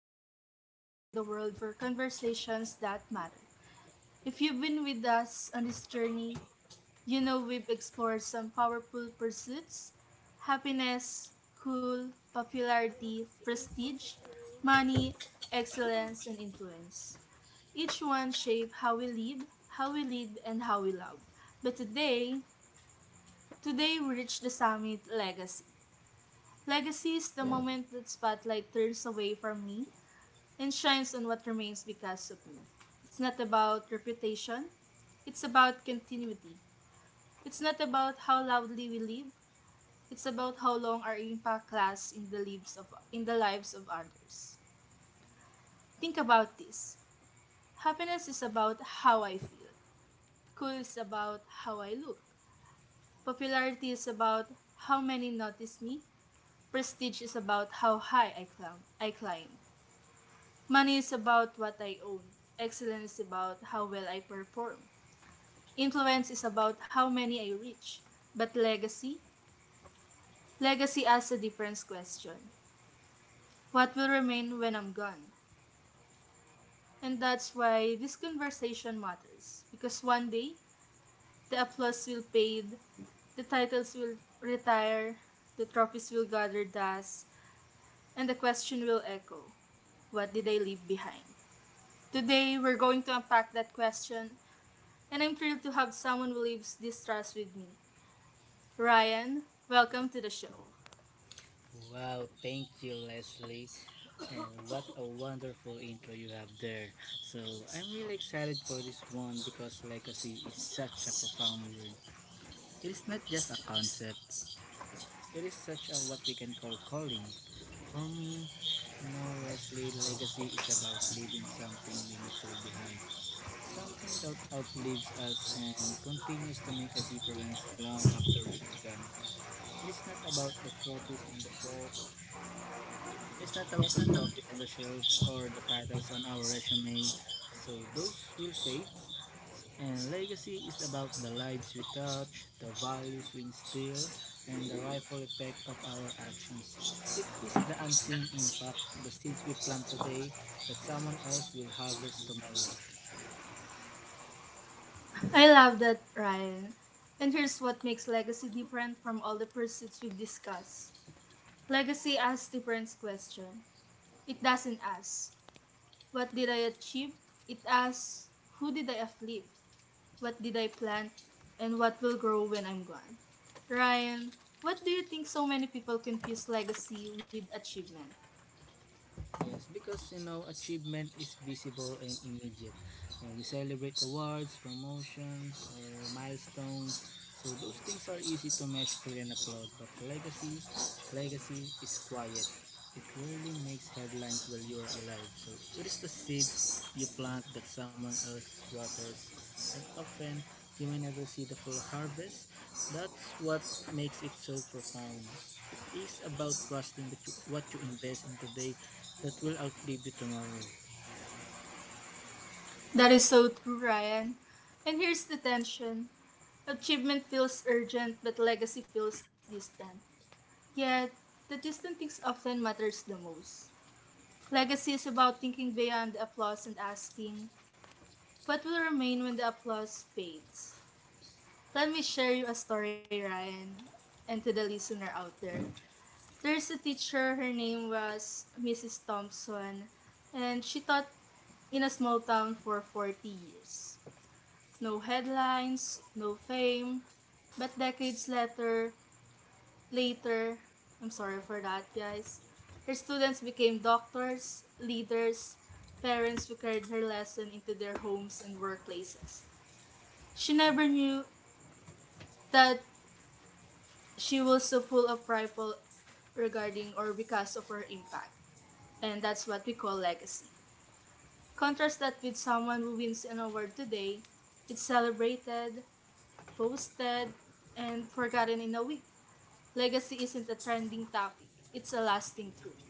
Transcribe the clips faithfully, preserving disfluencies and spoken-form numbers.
podcast channel in the world for conversations that matter. If you've been with us on this journey, you know we've explored some powerful pursuits: happiness, cool, popularity, Si prestige, money, excellence, and influence. Each one shape how we live, how we lead, and how we love. But today, today we reach the summit: legacy. Legacy is the Yeah. moment that spotlight turns away from me and shines on what remains because of me. It's not about reputation, it's about continuity. It's not about how loudly we live, it's about how long our impact lasts in the lives of in the lives of others. Think about this. Happiness is about how I feel. Cool is about how I look. Popularity is about how many notice me. Prestige is about how high I climb. I climb. Money is about what I own. Excellence is about how well I perform. Influence is about how many I reach. But legacy? Legacy asks a different question. What will remain when I'm gone? And that's why this conversation matters. Because one day, the applause will fade, the titles will retire, the trophies will gather dust, and the question will echo. What did I leave behind? Today, we're going to unpack that question, and I'm thrilled to have someone who lives this trust with me. Ryan, welcome to the show. Wow, thank you, Leslie. And what a wonderful intro you have there. So, I'm really excited for this one because legacy is such a profound word. It is not just a concept, it is such a what we can call calling. For me, you know, Leslie, legacy is about leaving something meaningful behind. Something that outlives us and continues to make a difference long after we are gone. It is not about the trophies on the shelf. It's not about the trophies on the shelf or the titles on our resume. So those will fade. And legacy is about the lives we touch, the values we instill, and the ripple effect of our actions. It is the unseen impact, the seeds we plant today that someone else will harvest tomorrow. I love that, Ryan. And here's what makes legacy different from all the pursuits we've discussed. Legacy asks different questions. It doesn't ask, what did I achieve? It asks, who did I uplift? What did I plant? And what will grow when I'm gone? Ryan, what do you think so many people confuse legacy with achievement? Yes, because you know achievement is visible and immediate. Uh, we celebrate awards, promotions, or milestones. So those things are easy to measure and applaud. But legacy, legacy is quiet. It rarely makes headlines while you are alive. So it is the seeds you plant that someone else waters, and often you may never see the full harvest. That's what makes it so profound. It is about trusting that you, what you invest in today that will outlive you tomorrow. That is so true, Ryan. And here's the tension: achievement feels urgent, but legacy feels distant. Yet, the distant things often matters the most. Legacy is about thinking beyond the applause and asking, what will remain when the applause fades? Let me share you a story, Ryan, and to the listener out there. There's a teacher, her name was Missus Thompson, and she taught in a small town for forty years. No headlines, no fame, but decades later, Later, I'm sorry for that, guys. Her students became doctors, leaders, parents who carried her lesson into their homes and workplaces. She never knew that she was so full of rival regarding or because of her impact. And that's what we call legacy. Contrast that with someone who wins an award today, it's celebrated, posted, and forgotten in a week. Legacy isn't a trending topic, it's a lasting truth.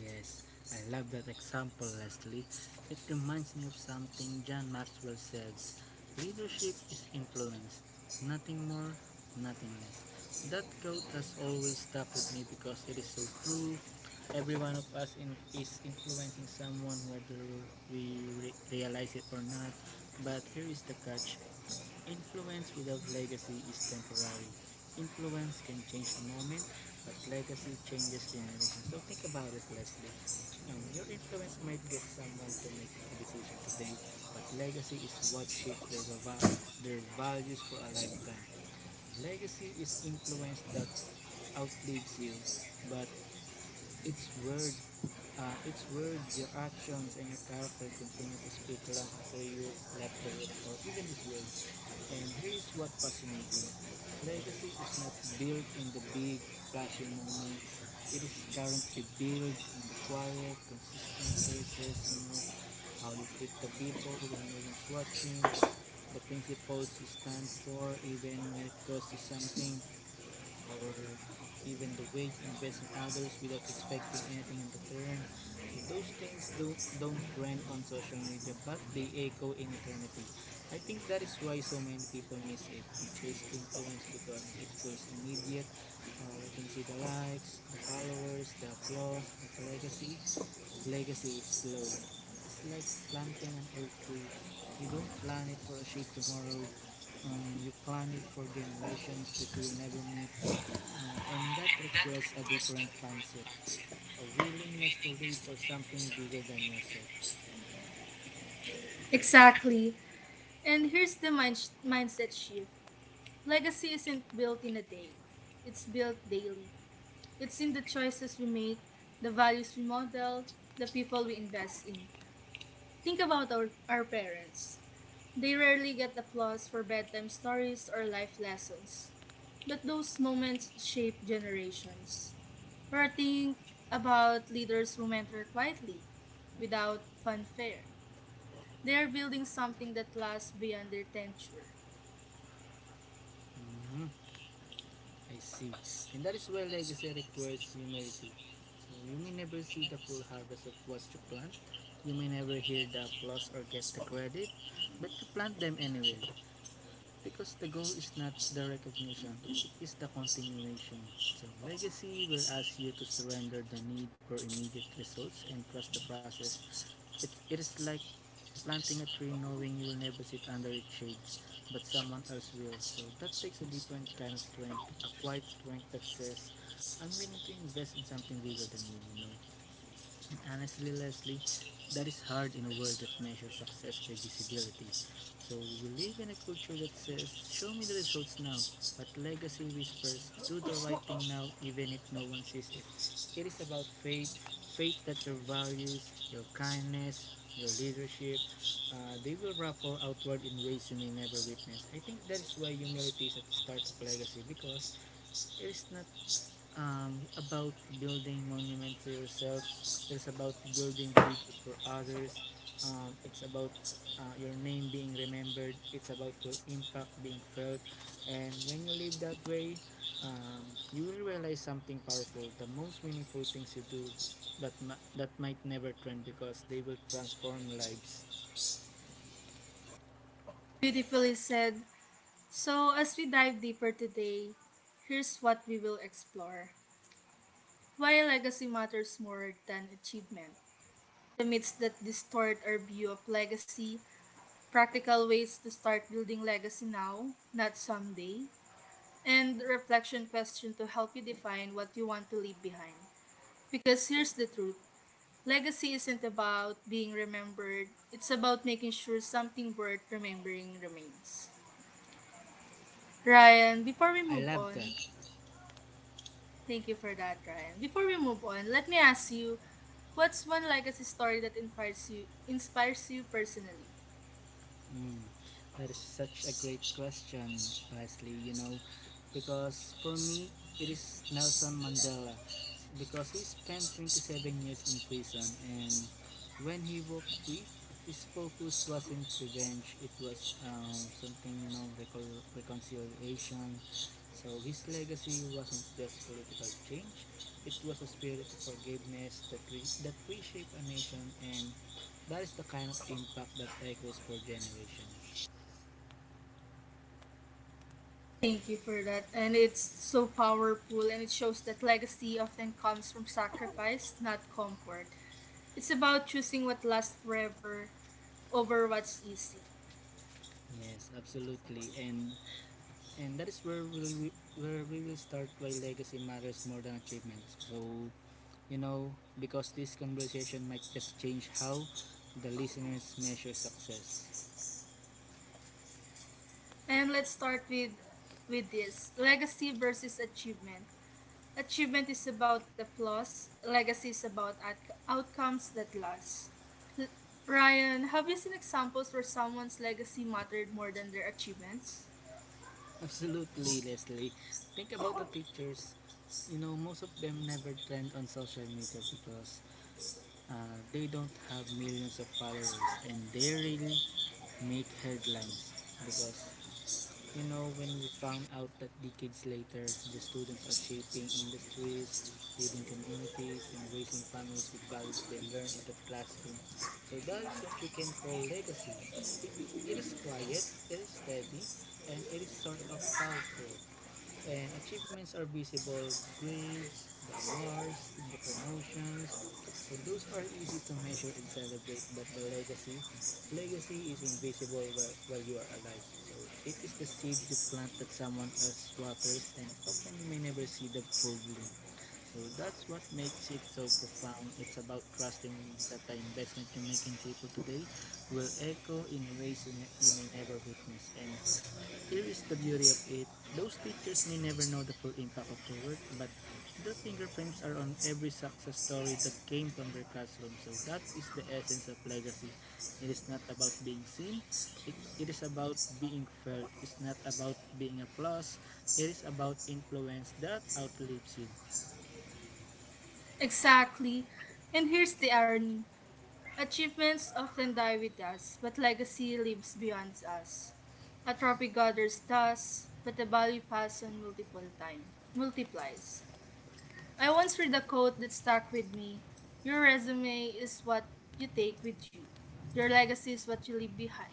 Yes, I love that example, Leslie. It reminds me of something John Maxwell said. Leadership is influence, nothing more, nothing less. That quote has always stuck with me because it is so true. Every one of us in, is influencing someone, whether we re- realize it or not. But here is the catch. Influence without legacy is temporary. Influence can change a moment, but legacy changes generations. So think about it, Leslie. Um, your influence might get someone to make a decision today, but legacy is what shapes their, va- their values for a lifetime. Legacy is influence that outlives you, but it's word, uh, it's word your actions and your character continue to speak long after you left the room or even this world. And here is what fascinating. Legacy is not built in the big flashy moments. It is currently built in the quiet, consistent choices, you know, how you treat the people when no one's watching, the principles you stand for even when it costs you something, or even the way you invest in others without expecting anything in return. So those things don't don't trend on social media, but they echo in eternity. I think that is why so many people miss it. We chase influence because it feels immediate. Uh, we can see the likes, the followers, the applause, but legacy, legacy is slow. It's like planting an oak tree. You don't plant it for a shade tomorrow. Um, you plant it for generations that you will never meet. Uh, and that requires a different mindset, a willingness to live for something bigger than yourself. Exactly. And here's the mind sh- mindset shift: legacy isn't built in a day, it's built daily. It's in the choices we make, the values we model, the people we invest in. Think about our, our parents. They rarely get applause for bedtime stories or life lessons, but those moments shape generations. We're thinking about leaders who mentor quietly, without fanfare. They are building something that lasts beyond their tenure. Mhm, I see. And that is why legacy requires humility. So you may never see the full harvest of what you plant. You may never hear the applause or get the credit, but you plant them anyway. Because the goal is not the recognition, it is the continuation. So legacy will ask you to surrender the need for immediate results and trust the process. It's, it is like planting a tree knowing you will never sit under its shades, but someone else will. So that takes a different kind of strength, a quiet strength that says, I'm willing to invest in something bigger than me, you know. Honestly, Leslie, that is hard in a world that measures success by visibility. So we live in a culture that says, show me the results now. But legacy whispers, do the right thing now, even if no one sees it. It is about faith faith that your values, your kindness, your leadership, uh, they will ripple outward in ways you may never witness. I think that is why humility is at the start of legacy because it is not um, about building monuments to yourself. It's about building bridges for others. Um, it's about uh, your name being remembered. It's about your impact being felt. And when you live that way, um, you will realize something powerful. The most meaningful things you do, but ma- that might never trend because they will transform lives. Beautifully said. So, as we dive deeper today, here's what we will explore: why legacy matters more than achievement, the myths that distort our view of legacy, practical ways to start building legacy now, not someday, and reflection question to help you define what you want to leave behind. Because here's the truth: legacy isn't about being remembered, it's about making sure something worth remembering remains. Ryan, before we I move love on, that. Thank you for that, Ryan. Before we move on, let me ask you, what's one legacy story that inspires you inspires you personally? Mm, that is such a great question, Leslie, you know, because for me, it is Nelson Mandela, s- because he spent twenty-seven years in prison, and when he walked free, his focus wasn't revenge, it was um, something, you know, recon- reconciliation. So his legacy wasn't just political change, it was a spirit of forgiveness that, re- that reshaped a nation and that is the kind of impact that echoes for generations. Thank you for that. And it's so powerful and it shows that legacy often comes from sacrifice, not comfort. It's about choosing what lasts forever over what's easy. Yes, absolutely. And and that is where we where we will start why legacy matters more than achievements. So, you know, because this conversation might just change how the listeners measure success. And let's start with with this legacy versus achievement. Achievement is about applause, legacy is about out- outcomes that last. Ryan, have you seen examples where someone's legacy mattered more than their achievements? Absolutely, Leslie. Think about the teachers. You know, most of them never trend on social media because uh, they don't have millions of followers and they really make headlines because you know, when we found out that decades later, their students are shaping industries, leading communities, and raising families with values they learn in that classroom. So that is what we can call legacy. It, it is quiet, it is steady, and it is sort of powerful and achievements are visible grades, the awards, and the promotions. So those are easy to measure and celebrate, but the legacy, legacy is invisible while, while you are alive. So it is the seed you plant that someone else waters, and often you may never see the full bloom. So that's what makes it so profound. It's about trusting that the investment you make in people today will echo in ways you, ne- you may never witness, and here is the beauty of it. Those teachers may never know the full impact of their work, but their fingerprints are on every success story that came from their classroom. So that is the essence of legacy. It is not about being seen, it, it is about being felt. It's not about being a plus, it is about influence that outlives you. Exactly. And here's the irony: achievements often die with us, but legacy lives beyond us. A trophy gathers dust, but the value passed on multiple time multiplies. I once read a quote that stuck with me. Your resume is what you take with you. Your legacy is what you leave behind.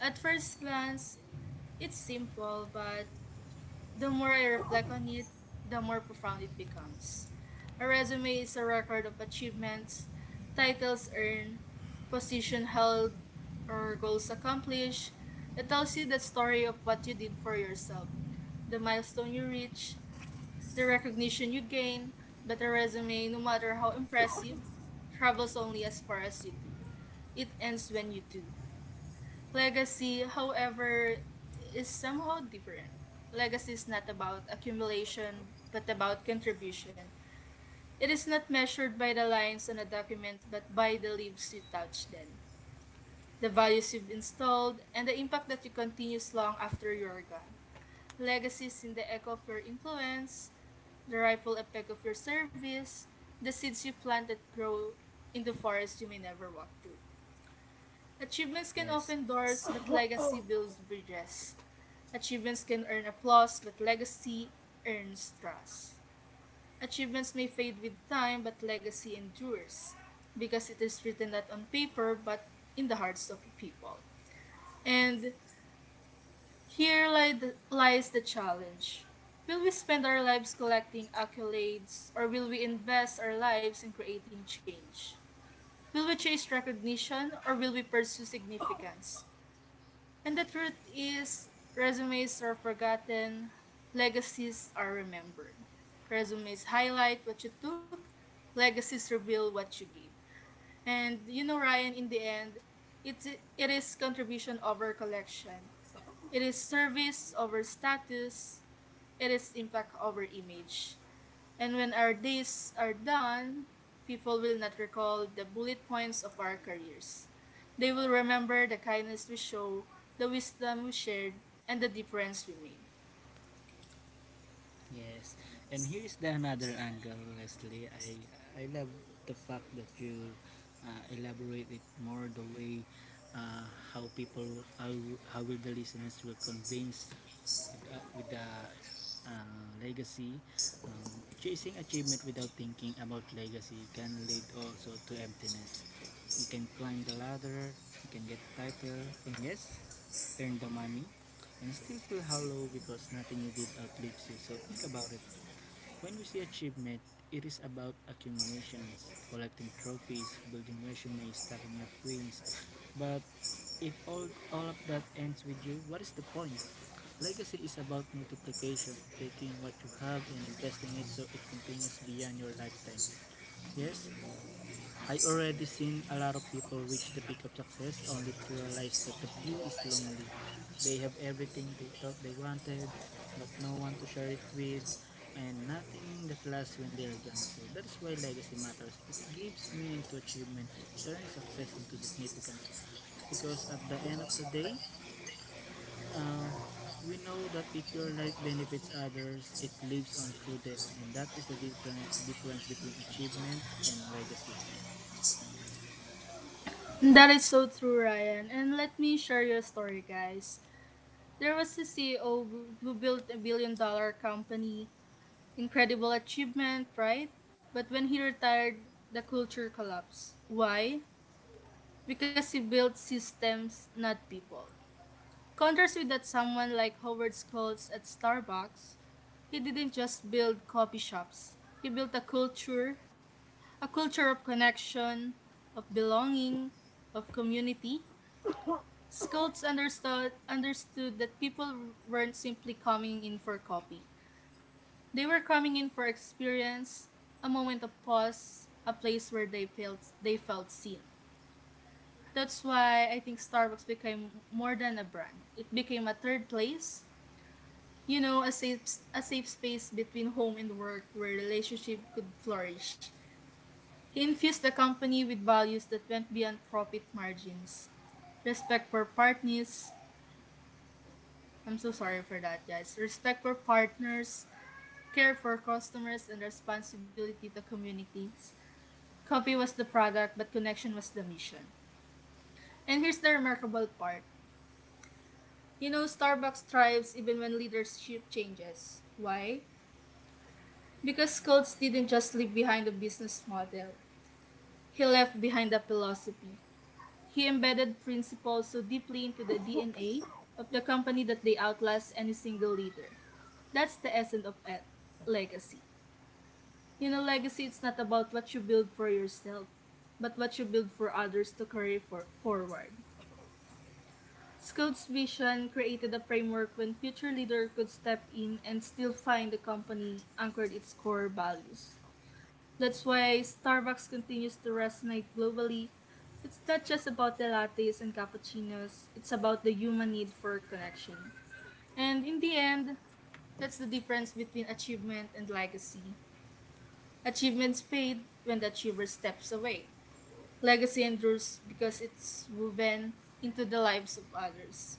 At first glance, it's simple, but the more I reflect on it, the more profound it becomes. A resume is a record of achievements, titles earned, position held, or goals accomplished. It tells you the story of what you did for yourself, the milestone you reached, the recognition you gain, but a resume, no matter how impressive, travels only as far as you do. It ends when you do. Legacy, however, is somehow different. Legacy is not about accumulation, but about contribution. It is not measured by the lines on a document, but by the leaves you touch, then the values you've installed, and the impact that you continues long after you are gone. Legacies in the echo of your influence, the ripple effect of your service, the seeds you plant that grow in the forest you may never walk through. Achievements can Yes. open doors, but legacy builds bridges. Achievements can earn applause, but legacy earns trust. Achievements may fade with time, but legacy endures because it is written not on paper but in the hearts of people. And Here li- the- lies the challenge. Will we spend our lives collecting accolades, or will we invest our lives in creating change? Will we chase recognition, or will we pursue significance? And the truth is, resumes are forgotten, legacies are remembered. Resumes highlight what you took, legacies reveal what you give. And you know, Ryan, in the end, it's, it is contribution over collection. It is service over status. It is impact over image. And when our days are done, people will not recall the bullet points of our careers. They will remember the kindness we show, the wisdom we shared, and the difference we made. Yes. And here is the another angle, Leslie. I I love the fact that you uh, elaborate it more the way uh, how people how, how will the listeners will convince with, uh, with the uh, legacy. Um, chasing achievement without thinking about legacy can lead also to emptiness. You can climb the ladder, you can get the title, and yes, earn the money, and still feel hollow because nothing you did outlives you. So think about it. When we see achievement, it is about accumulations, collecting trophies, building resumes, stacking up wins. But if all all of that ends with you, what is the point? Legacy is about multiplication, taking what you have and investing it so it continues beyond your lifetime. Yes, I already seen a lot of people reach the peak of success only to realize that the view is lonely. They have everything they thought they wanted, but no one to share it with, and nothing that lasts when they are gone. So that is why legacy matters. It gives meaning to achievement, turns success into significance, because at the end of the day, Uh, we know that if your life benefits others, it lives on through them, and that is the difference difference between achievement and legacy. That is so true, Ryan. And let me share you a story, guys. There was a C E O who who built a billion dollar company, incredible achievement, right? But when he retired, the culture collapsed. Why? Because he built systems, not people. Contrast with that someone like Howard Schultz at Starbucks, he didn't just build coffee shops. He built a culture, a culture of connection, of belonging, of community. Schultz understood understood that people weren't simply coming in for coffee. They were coming in for experience, a moment of pause, a place where they felt they felt seen. That's why I think Starbucks became more than a brand. It became a third place, you know, a safe a safe space between home and work where relationship could flourish. He infused the company with values that went beyond profit margins. Respect for partners. I'm so sorry for that, guys. Respect for partners, care for customers, and responsibility to communities. Coffee was the product, but connection was the mission. And here's the remarkable part. You know, Starbucks thrives even when leadership changes. Why? Because Coates didn't just leave behind a business model, he left behind a philosophy. He embedded principles so deeply into the D N A of the company that they outlast any single leader. That's the essence of e- legacy. You know, legacy it's not about what you build for yourself, but what you build for others to carry for- forward. Scout's vision created a framework when future leaders could step in and still find the company anchored its core values. That's why Starbucks continues to resonate globally. It's not just about the lattes and cappuccinos, it's about the human need for connection. And in the end, that's the difference between achievement and legacy. Achievements fade when the achiever steps away. Legacy endures because it's woven into the lives of others.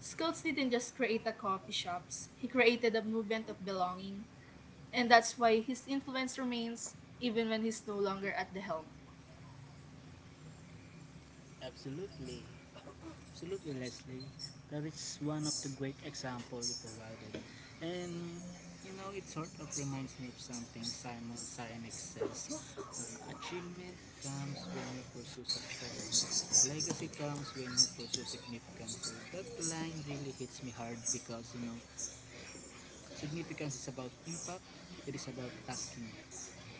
Schultz didn't just create a coffee shops, he created a movement of belonging, and that's why his influence remains even when he's no longer at the helm. Absolutely, absolutely, Leslie. That is one of the great example you provided, and you know it sort of reminds me of something Simon Sinek says: uh, achievement comes when you pursue success. Legacy comes when you pursue significance. So that line really hits me hard because you know significance is about impact. It is about asking,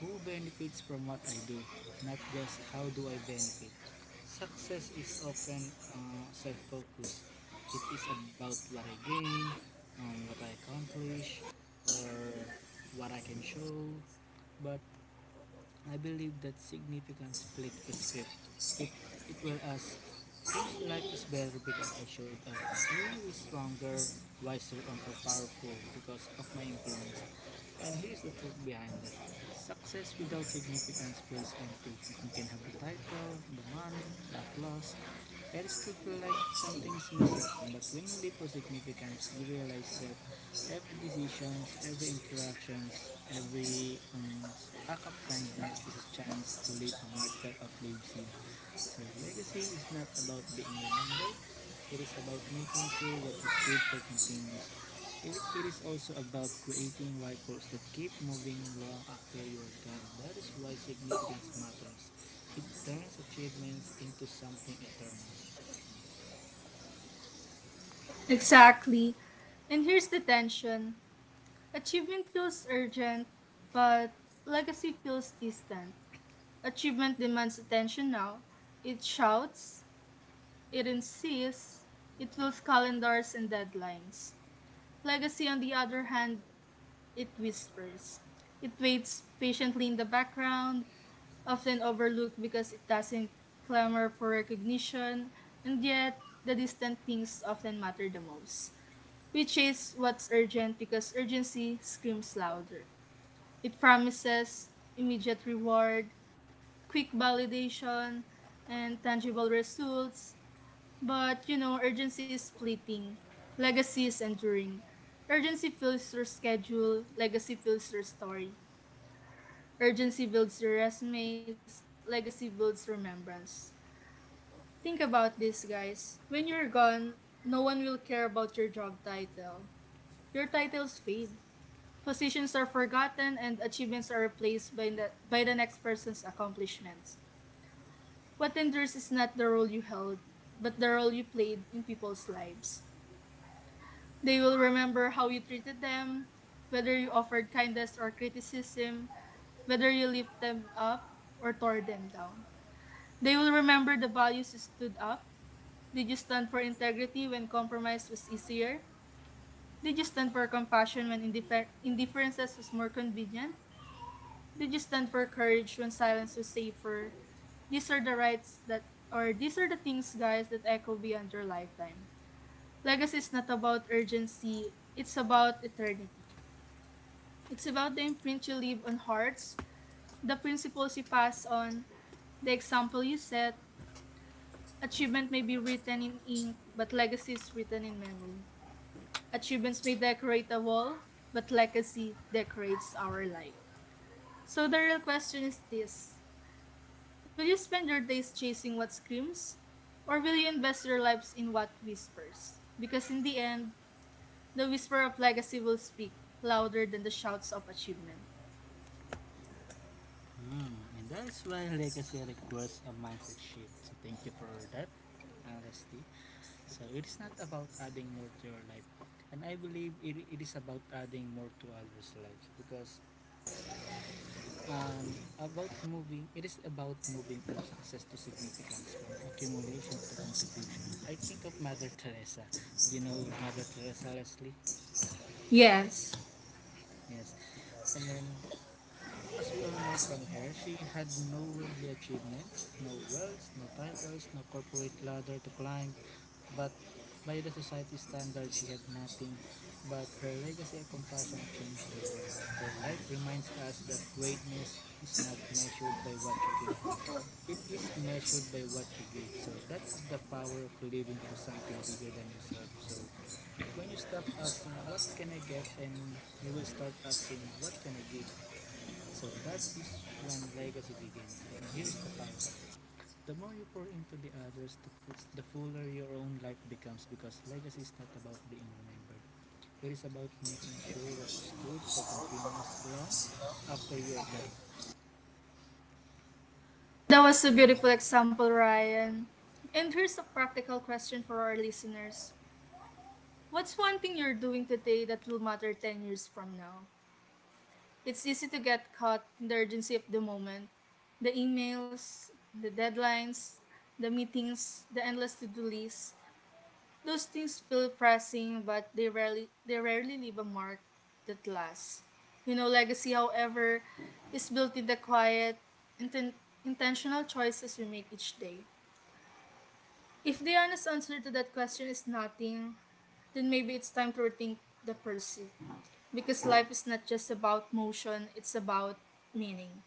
who benefits from what I do, not just how do I benefit. Success is often uh, self-focused. It is about what I gain, um, what I accomplish, or what I can show. But I believe that significance flips the script. It it will ask whose life is better because I showed up, who is stronger, wiser, or more powerful because of my influence. And here is the truth behind that. Success without significance feels empty. You can have the title, the money, the applause, and it still feel like something's missing. But when you live for significance, you realize that every decisions, every interactions, every um, act of kindness is a chance to leave a mark that outlives you. So, legacy is not about being remembered. It is about making sure what you stood for continues. It, it is also about creating ripples that keep moving long after you are gone. That is why significance matters. It turns achievements into something eternal. Exactly. And here's the tension: achievement feels urgent, but legacy feels distant. Achievement demands attention now, it shouts, it insists, it fills calendars and deadlines. Legacy, on the other hand, it whispers. It waits patiently in the background, often overlooked because it doesn't clamor for recognition, and yet the distant things often matter the most, which is what's urgent because urgency screams louder. It promises immediate reward, quick validation, and tangible results. But you know, urgency is fleeting, legacy is enduring. Urgency fills your schedule, legacy fills your story. Urgency builds your resumes, legacy builds remembrance. Think about this, guys. When you're gone, no one will care about your job title. Your titles fade. Positions are forgotten and achievements are replaced by the, by the next person's accomplishments. What endures is not the role you held, but the role you played in people's lives. They will remember how you treated them, whether you offered kindness or criticism, whether you lifted them up or tore them down. They will remember the values you stood up. Did you stand for integrity when compromise was easier? Did you stand for compassion when indiffer- indifference was more convenient? Did you stand for courage when silence was safer? These are the rights that, or these are the things, guys, that echo beyond your lifetime. Legacy is not about urgency, it's about eternity. It's about the imprint you leave on hearts, the principles you pass on, the example you set. Achievement may be written in ink, but legacy is written in memory. Achievements may decorate a wall, but legacy decorates our life. So the real question is this. Will you spend your days chasing what screams, or will you invest your lives in what whispers? Because in the end, the whisper of legacy will speak louder than the shouts of achievement. Hmm, and that is why legacy requires a mindset shift. So, thank you for that, honesty. So, it is not about adding more to your life. And I believe it, it is about adding more to others' lives because um, about moving it is about moving from success to significance, from accumulation to contribution. I think of Mother Teresa. You know Mother Teresa, Leslie? Yes. Yes. And as we all know from her, she had no worldly achievements, no wealth, no titles, no corporate ladder to climb, but by the society standard, she had nothing. But her legacy and compassion changed the world. Her life reminds us that greatness is not measured by what you keep, it is measured by what you give. So that is the power of living for something bigger than yourself. So when you stop asking, what can I get, and you will start asking, what can I give? So that is when legacy begins. And here's the paradox. The more you pour into the others, the, fu- the fuller your own life becomes because legacy is not about being remembered. It is about making sure what stood for continues long after you are gone. That was a beautiful example, Ryan. And here's a practical question for our listeners. What's one thing you're doing today that will matter ten years from now? It's easy to get caught in the urgency of the moment. The emails, the deadlines, the meetings, the endless to-do lists. Those things feel pressing, but they rarely they rarely leave a mark that lasts. You know, legacy, however, is built in the quiet, inten- intentional choices we make each day. If the honest answer to that question is nothing, then maybe it's time to rethink the pursuit. Because life is not just about motion, it's about meaning.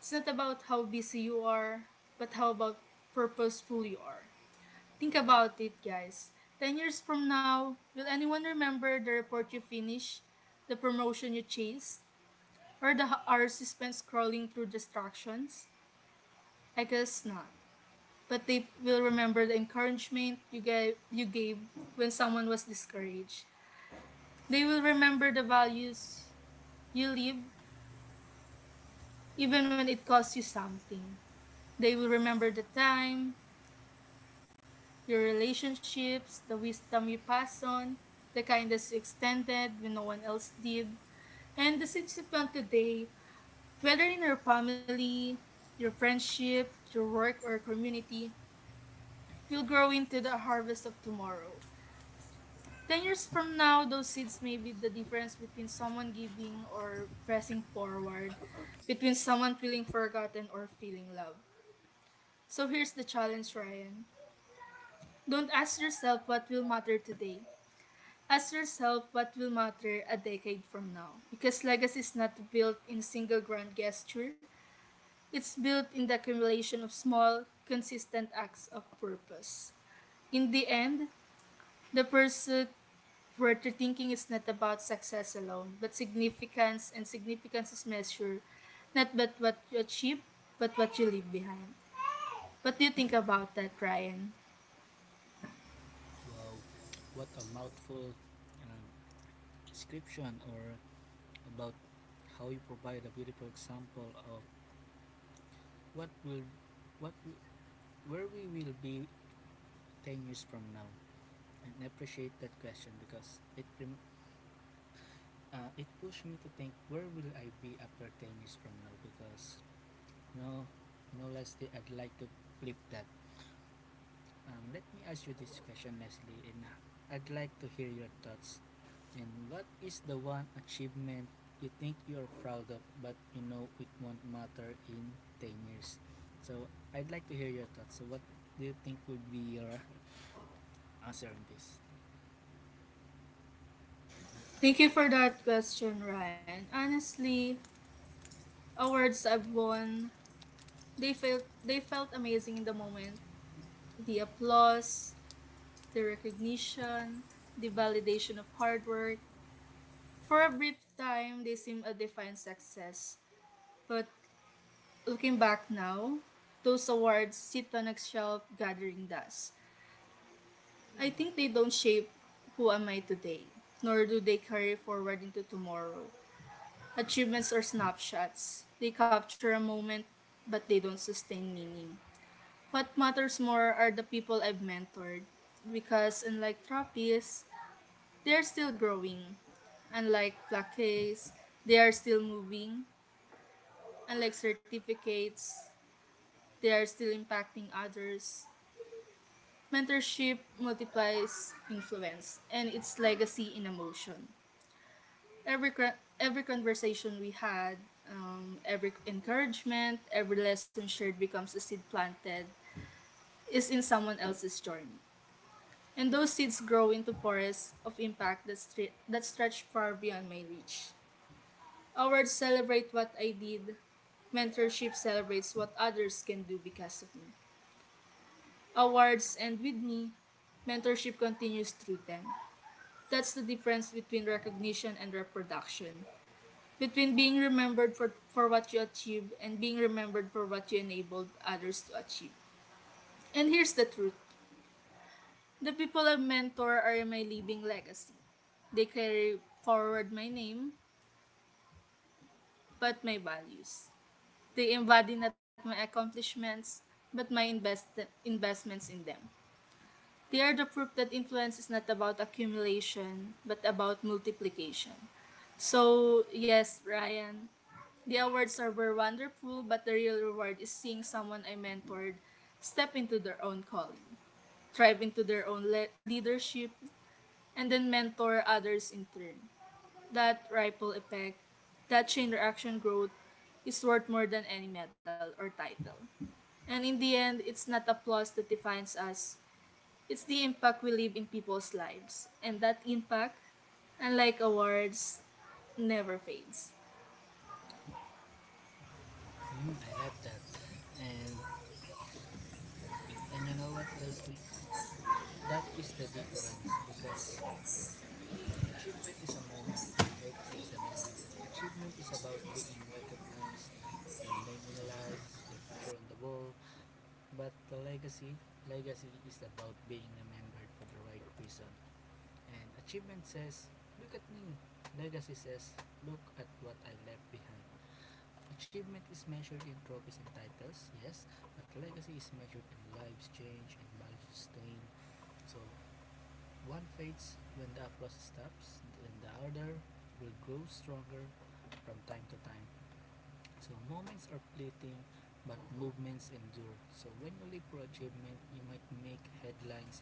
It's not about how busy you are, but how about purposeful you are. Think about it, guys. Ten years from now, will anyone remember the report you finished, the promotion you chased, or the hours you spent scrolling through distractions? I guess not, but they will remember the encouragement you gave you gave when someone was discouraged. They will remember the values you live even when it costs you something. They will remember the time, your relationships, the wisdom you passed on, the kindness you extended when no one else did, and the seeds you planted today, whether in your family, your friendship, your work, or community, will grow into the harvest of tomorrow. Ten years from now, those seeds may be the difference between someone giving or pressing forward, between someone feeling forgotten or feeling loved. So here's the challenge, Ryan. Don't ask yourself what will matter today. Ask yourself what will matter a decade from now. Because legacy is not built in single grand gesture, it's built in the accumulation of small, consistent acts of purpose. In the end, the pursuit worth thinking is not about success alone, but significance, and significance is measured not but what you achieve, but what you leave behind. What do you think about that, Ryan? Wow, what a mouthful uh, description, or about how you provide a beautiful example of what will, what we, where we will be ten years from now, and appreciate that question because it rem- uh, it pushed me to think, where will I be after ten years from now? Because no, no, Leslie, I'd like to flip that. Um, let me ask you this question, Leslie, and uh, I'd like to hear your thoughts. And what is the one achievement you think you're proud of but you know it won't matter in ten years? So I'd like to hear your thoughts. So what do you think would be your answer on this? Thank you for that question, Ryan. Honestly, awards I've won, they felt they felt amazing in the moment. The applause, the recognition, the validation of hard work. For a brief time, they seemed a defined success, but looking back now, those awards sit on a shelf gathering dust. I think they don't shape who am I today, nor do they carry forward into tomorrow. Achievements are snapshots. They capture a moment, but they don't sustain meaning. What matters more are the people I've mentored, because unlike Trappies, they're still growing. Unlike plaques, they are still moving. Unlike certificates, they are still impacting others. Mentorship multiplies influence and its legacy in emotion. Every, cra- every conversation we had, um, every encouragement, every lesson shared becomes a seed planted, is in someone else's journey. And those seeds grow into forests of impact that, stre- that stretch far beyond my reach. Awards celebrate what I did, mentorship celebrates what others can do because of me. Awards end with me. Mentorship continues through them. That's the difference between recognition and reproduction. Between being remembered for, for what you achieved and being remembered for what you enabled others to achieve. And here's the truth, the people I mentor are my living legacy. They carry forward my name, but my values. They embody not my accomplishments, but my invest- investments in them. They are the proof that influence is not about accumulation, but about multiplication. So, yes, Ryan, the awards are were wonderful, but the real reward is seeing someone I mentored step into their own calling, thrive into their own le- leadership, and then mentor others in turn. That ripple effect, that chain reaction growth, is worth more than any medal or title. And in the end, it's not applause that defines us, it's the impact we leave in people's lives. And that impact, unlike awards, never fades. mm, I love that. And and you know what, Leslie, that is the difference, because achievement is a moment, legacy is a movement. Achievement is about being recognized, your name in the lights, your picture on the wall. But the legacy legacy is about being remembered for the right reason. And achievement says, look at me. Legacy says, look at what I left behind. Achievement is measured in trophies and titles, yes, but legacy is measured in lives change and values sustained. So one fades when the applause stops, and the other will grow stronger from time to time. So moments are fleeting, but movements endure. So when you live for achievement, you might make headlines,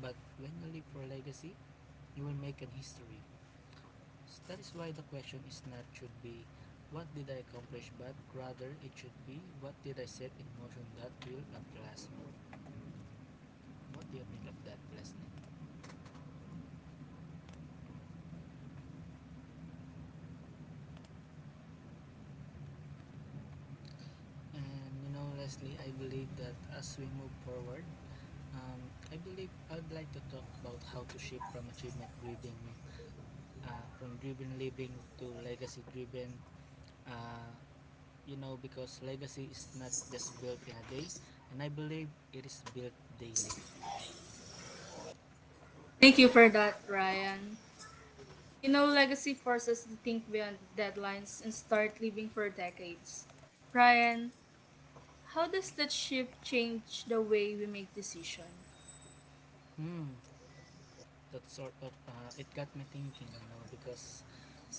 but when you live for legacy, you will make an history. So that is why the question is not, should be what did I accomplish, but rather it should be, what did I set in motion that will outlast me? What do you think of that, Leslie? And you know, Leslie, I believe that as we move forward, um, I believe I'd like to talk about how to shift from achievement driven, uh, from driven living to legacy driven. Uh, you know, because legacy is not just built in a day, and I believe it is built daily. Thank you for that, Ryan. You know, legacy forces us to think beyond deadlines and start living for decades. Ryan, how does that shift change the way we make decisions? Hmm, that sort of uh, it got me thinking, you know, because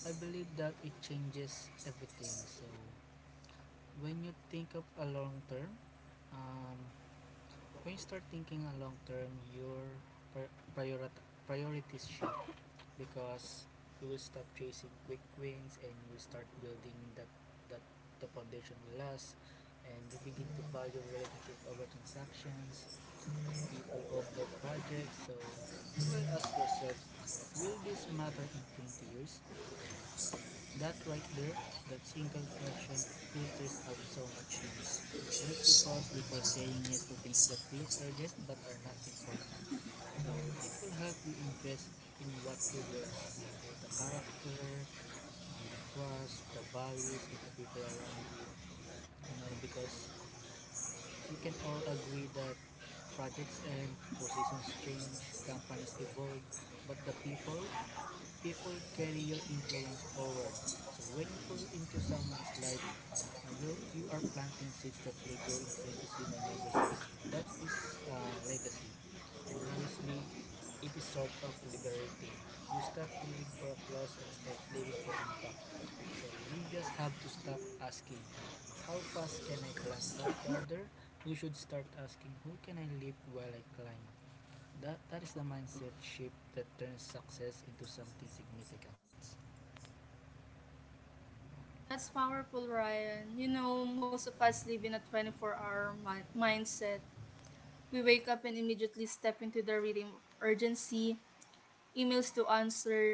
I believe that it changes everything. So when you think of a long term, um, When you start thinking on long term, your pri- priorities shift because you will stop chasing quick wins and you will start building that, that the foundation will last. And you begin to value relationship over transactions, people over projects. So you will ask yourself, will this matter in twenty years? That right there, that single question filters out so much noise. It makes you pause before saying yes to things that look urgent but are not important. So it will help you invest in what truly lasts, the character, uh, the trust, the values, and the people around you. You know, because we can all agree that projects and positions change, companies evolve, but the people people carry your influence forward. So when you pour into someone's life, uh, you you are planting seeds that will grow in places you may never see. So that is uh, legacy, and honestly, it is sort of liberating. You stop living for applause and start living for impact. So you just have to stop asking, how fast can I climb? But rather, you should start asking, who can I live while I climb? That, that is the mindset shift that turns success into something significant. That's powerful, Ryan. You know, most of us live in a twenty-four-hour mi- mindset. We wake up and immediately step into the rhythm of urgency, emails to answer,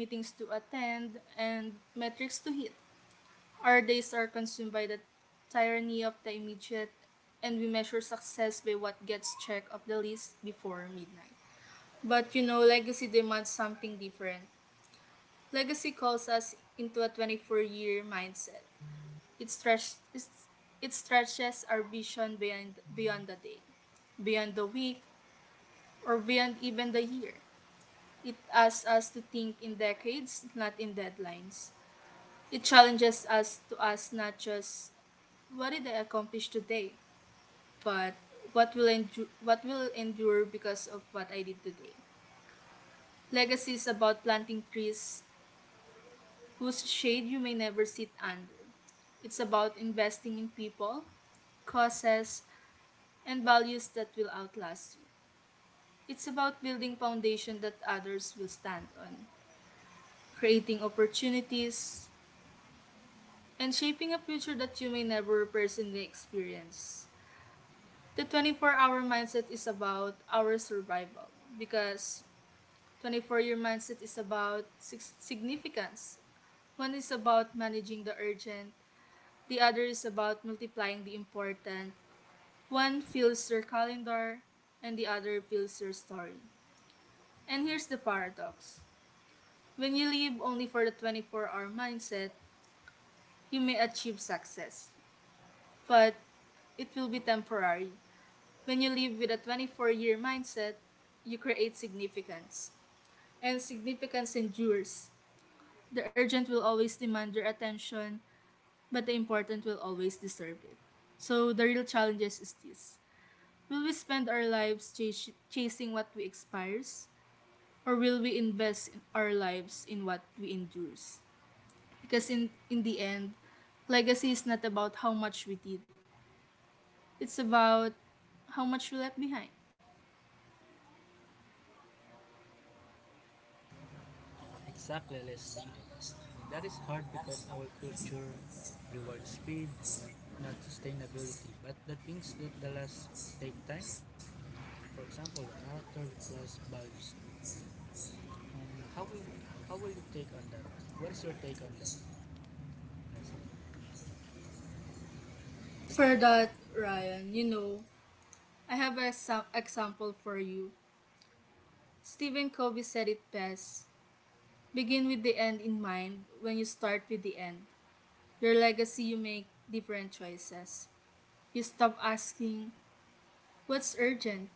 meetings to attend, and metrics to hit. Our days are consumed by the tyranny of the immediate, and we measure success by what gets checked off the list before midnight. But you know, legacy demands something different. Legacy calls us into a twenty-four year mindset. It, stretches, it stretches our vision beyond, beyond the day, beyond the week, or beyond even the year. It asks us to think in decades, not in deadlines. It challenges us to ask not just what did I accomplish today, but what will endure, what will endure because of what I did today. Legacy is about planting trees whose shade you may never sit under. It's about investing in people, causes, and values that will outlast you. It's about building foundation that others will stand on, creating opportunities and shaping a future that you may never personally experience. The twenty-four hour mindset is about our survival because twenty-four year mindset is about significance. One is about managing the urgent, the other is about multiplying the important. One fills your calendar, and the other fills your story. And here's the paradox, when you live only for the twenty-four hour mindset, you may achieve success, but it will be temporary. When you live with a twenty-four year mindset, you create significance. And significance endures. The urgent will always demand your attention, but the important will always deserve it. So the real challenge is this. Will we spend our lives chas- chasing what we expires? Or will we invest in our lives in what we endures? Because in, in the end, legacy is not about how much we did. It's about how much we left behind. Exactly, Leslie. And that is hard because our culture rewards speed, not sustainability. But the things that the last take time, for example, the character, the class, values. Um, how will how will you take on that? What is your take on that, Leslie? For that, Ryan, you know, I have a exa- example for you. Stephen Covey said it best. Begin with the end in mind. When you start with the end, your legacy, you make different choices. You stop asking, what's urgent?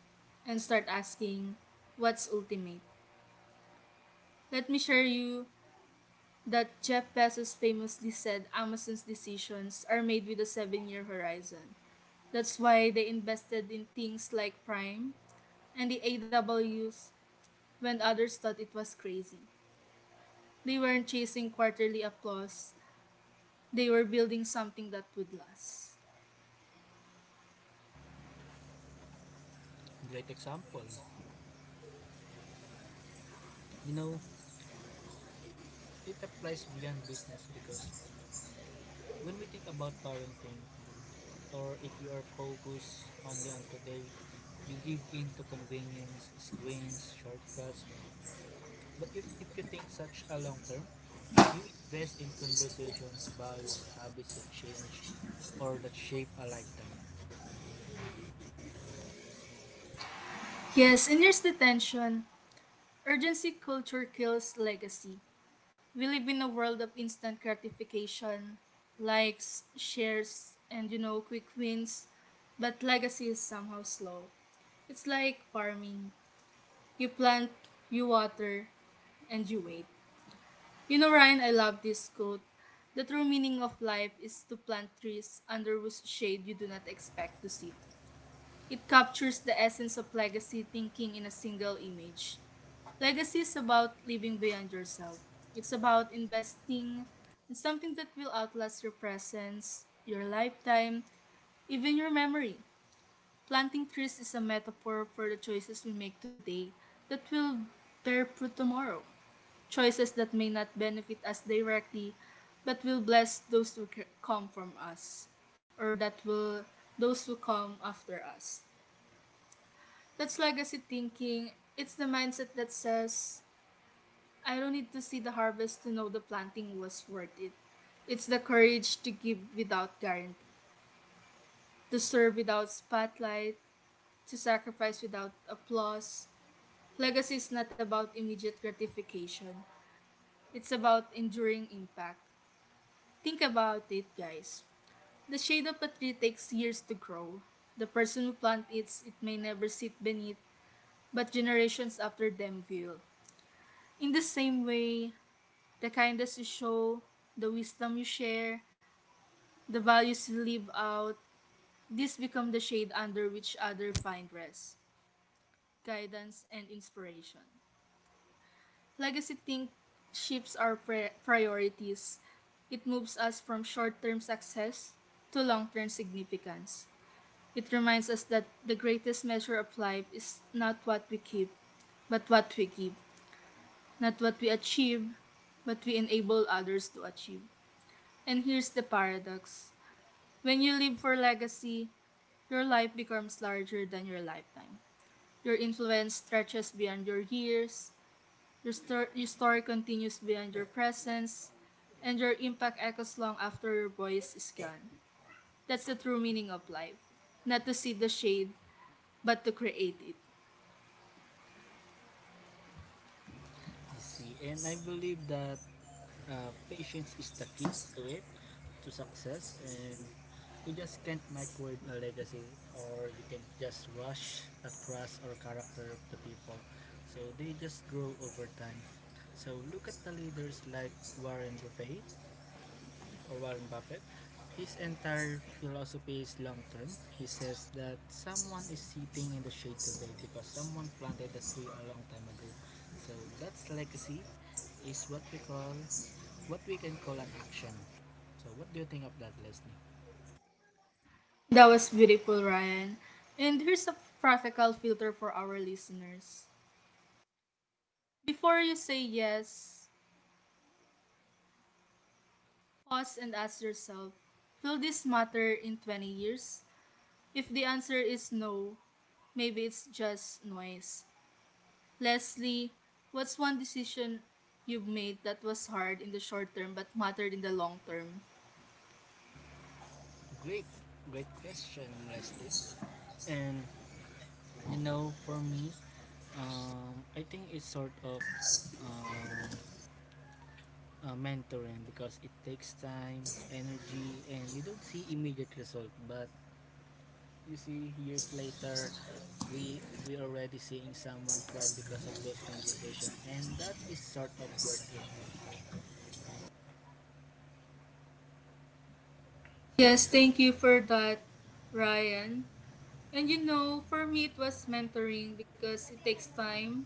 And start asking, what's ultimate? Let me share you that Jeff Bezos famously said Amazon's decisions are made with a seven year horizon. That's why they invested in things like Prime and the A W s when others thought it was crazy. They weren't chasing quarterly applause. They were building something that would last. Great example. You know, it applies beyond business because when we think about parenting, or if you are focused only on today, you give in to convenience, screens, shortcuts. But if, if you think such a long term, you invest in conversations, values, habits that change or that shape a lifetime. Yes, in years detention, urgency culture kills legacy. We live in a world of instant gratification, likes, shares, and you know, quick wins, but legacy is somehow slow. It's like farming. You plant, you water, and you wait. You know, Ryan, I love this quote. The true meaning of life is to plant trees under whose shade you do not expect to sit. It captures the essence of legacy thinking in a single image. Legacy is about living beyond yourself. It's about investing in something that will outlast your presence, your lifetime, even your memory. Planting trees is a metaphor for the choices we make today that will bear fruit tomorrow. Choices that may not benefit us directly but will bless those who c- come from us or that will those who come after us. That's legacy thinking. It's the mindset that says, I don't need to see the harvest to know the planting was worth it. It's the courage to give without guarantee, to serve without spotlight, to sacrifice without applause. Legacy is not about immediate gratification. It's about enduring impact. Think about it, guys. The shade of a tree takes years to grow. The person who plants it, it may never sit beneath, but generations after them will. In the same way, the kindness you show, the wisdom you share, the values you live out, these become the shade under which others find rest, guidance, and inspiration. Legacy think shifts our priorities. It moves us from short term success to long term significance. It reminds us that the greatest measure of life is not what we keep, but what we give. Not what we achieve, but we enable others to achieve. And here's the paradox, when you live for legacy, your life becomes larger than your lifetime. Your influence stretches beyond your years. Your, stor- your story continues beyond your presence, and your impact echoes long after your voice is gone. That's the true meaning of life. Not to see the shade, but to create it. I see. And I believe that uh, patience is the key to it, to success. And you just can't microwave a legacy or you can just rush across trust or character of the people. So they just grow over time. So look at the leaders like Warren Buffett, or Warren Buffett. His entire philosophy is long term. He says that someone is sitting in the shade today because someone planted the tree a long time ago. So that's legacy, is what we call what we can call an action. So what do you think of that, Leslie? That was beautiful, Ryan. And here's a practical filter for our listeners. Before you say yes, pause and ask yourself, will this matter in twenty years? If the answer is no, maybe it's just noise. Leslie, what's one decision you've made that was hard in the short term but mattered in the long term? Great, great question, Leslie. And you know, for me, um, I think it's sort of um, uh, mentoring because it takes time, energy, and you don't see immediate result. But you see years later, we we already seeing someone thrive because of those conversation, and that is sort of worth it. Yes, thank you for that, Ryan. And you know, for me, it was mentoring because it takes time,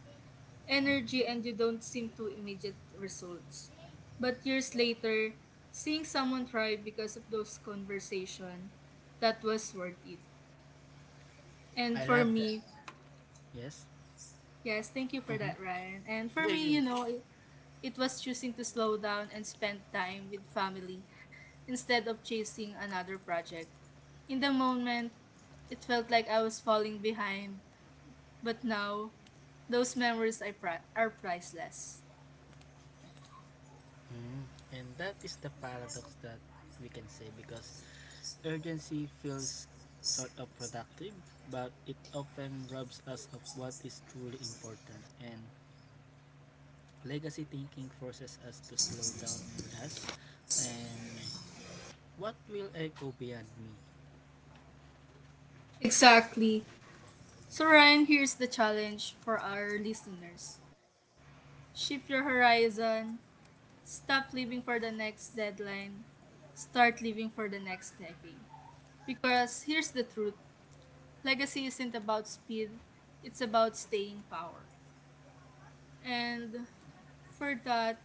energy, and you don't seem to immediate results. But years later, seeing someone thrive because of those conversation, that was worth it. And I for love that. me, Yes. yes, thank you for that, Mm-hmm. Ryan. And for Yeah, me, yeah. you know, it was choosing to slow down and spend time with family instead of chasing another project. In the moment, it felt like I was falling behind, but now, those memories are, pri- are priceless. Mhm. And that is the paradox that we can say, because urgency feels sort of productive, but it often robs us of what is truly important. And legacy thinking forces us to slow down and ask, and what will echo beyond me? Exactly. So, Ryan, here's the challenge for our listeners: shift your horizon, stop living for the next deadline, start living for the next decade. Because here's the truth: legacy isn't about speed, it's about staying power. And for that,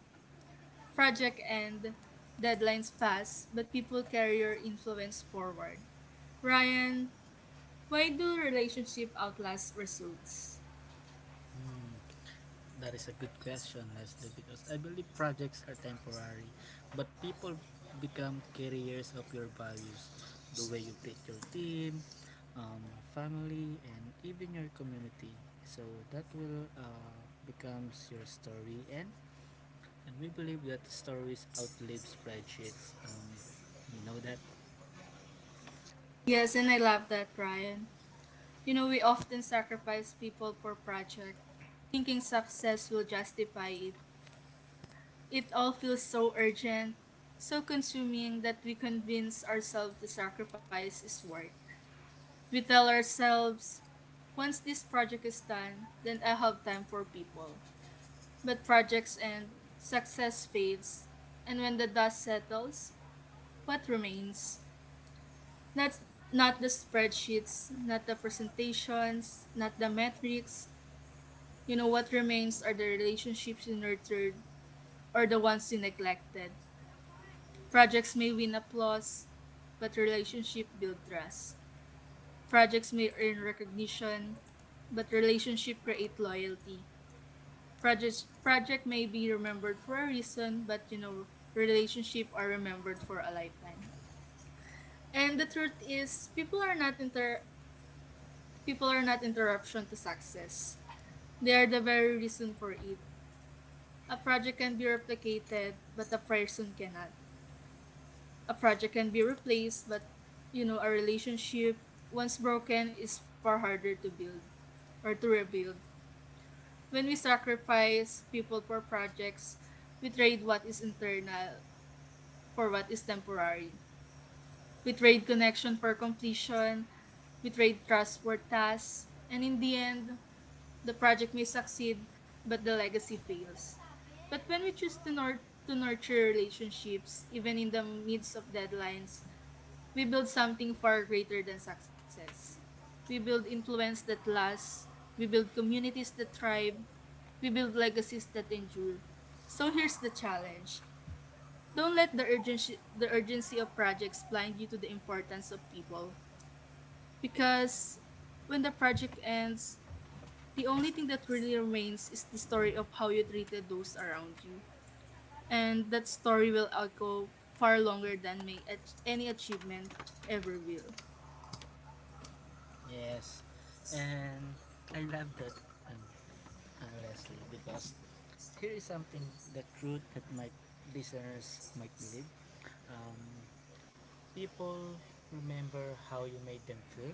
project end, deadlines pass, but people carry your influence forward. Ryan, why do relationship outlast results? Hmm. That is a good question, Leslie, because I believe projects are temporary, but people become carriers of your values, the way you treat your team, um, family, and even your community. So that will uh, becomes your story, and and we believe that stories outlive spreadsheets. Um, know that. Yes, and I love that, Ryan. You know, we often sacrifice people for project, thinking success will justify it. It all feels so urgent, so consuming that we convince ourselves the sacrifice is worth. We tell ourselves, once this project is done, then I have time for people. But projects end, success fades, and when the dust settles, what remains? Not, Not the spreadsheets, not the presentations, not the metrics. You know, what remains are the relationships you nurtured or the ones you neglected. Projects may win applause, but relationship build trust. Projects may earn recognition, but relationship create loyalty. Projects project may be remembered for a reason, but you know, relationship are remembered for a lifetime. And the truth is people are not inter people are not interruption to success. They are the very reason for it. A project can be replicated, but a person cannot. A project can be replaced, but you know, a relationship once broken is far harder to build or to rebuild. When we sacrifice people for projects, we trade what is internal for what is temporary. We trade connection for completion. We trade trust for tasks. And in the end, the project may succeed, but the legacy fails. But when we choose to, nur- to nurture relationships, even in the midst of deadlines, we build something far greater than success. We build influence that lasts. We build communities that thrive. We build legacies that endure. So here's the challenge. Don't let the urgency, the urgency of projects blind you to the importance of people. Because when the project ends, the only thing that really remains is the story of how you treated those around you. And that story will echo far longer than may ach- any achievement ever will. Yes, and I love that, uh, uh, Leslie, because here is something, the truth that my listeners might believe. Um, People remember how you made them feel,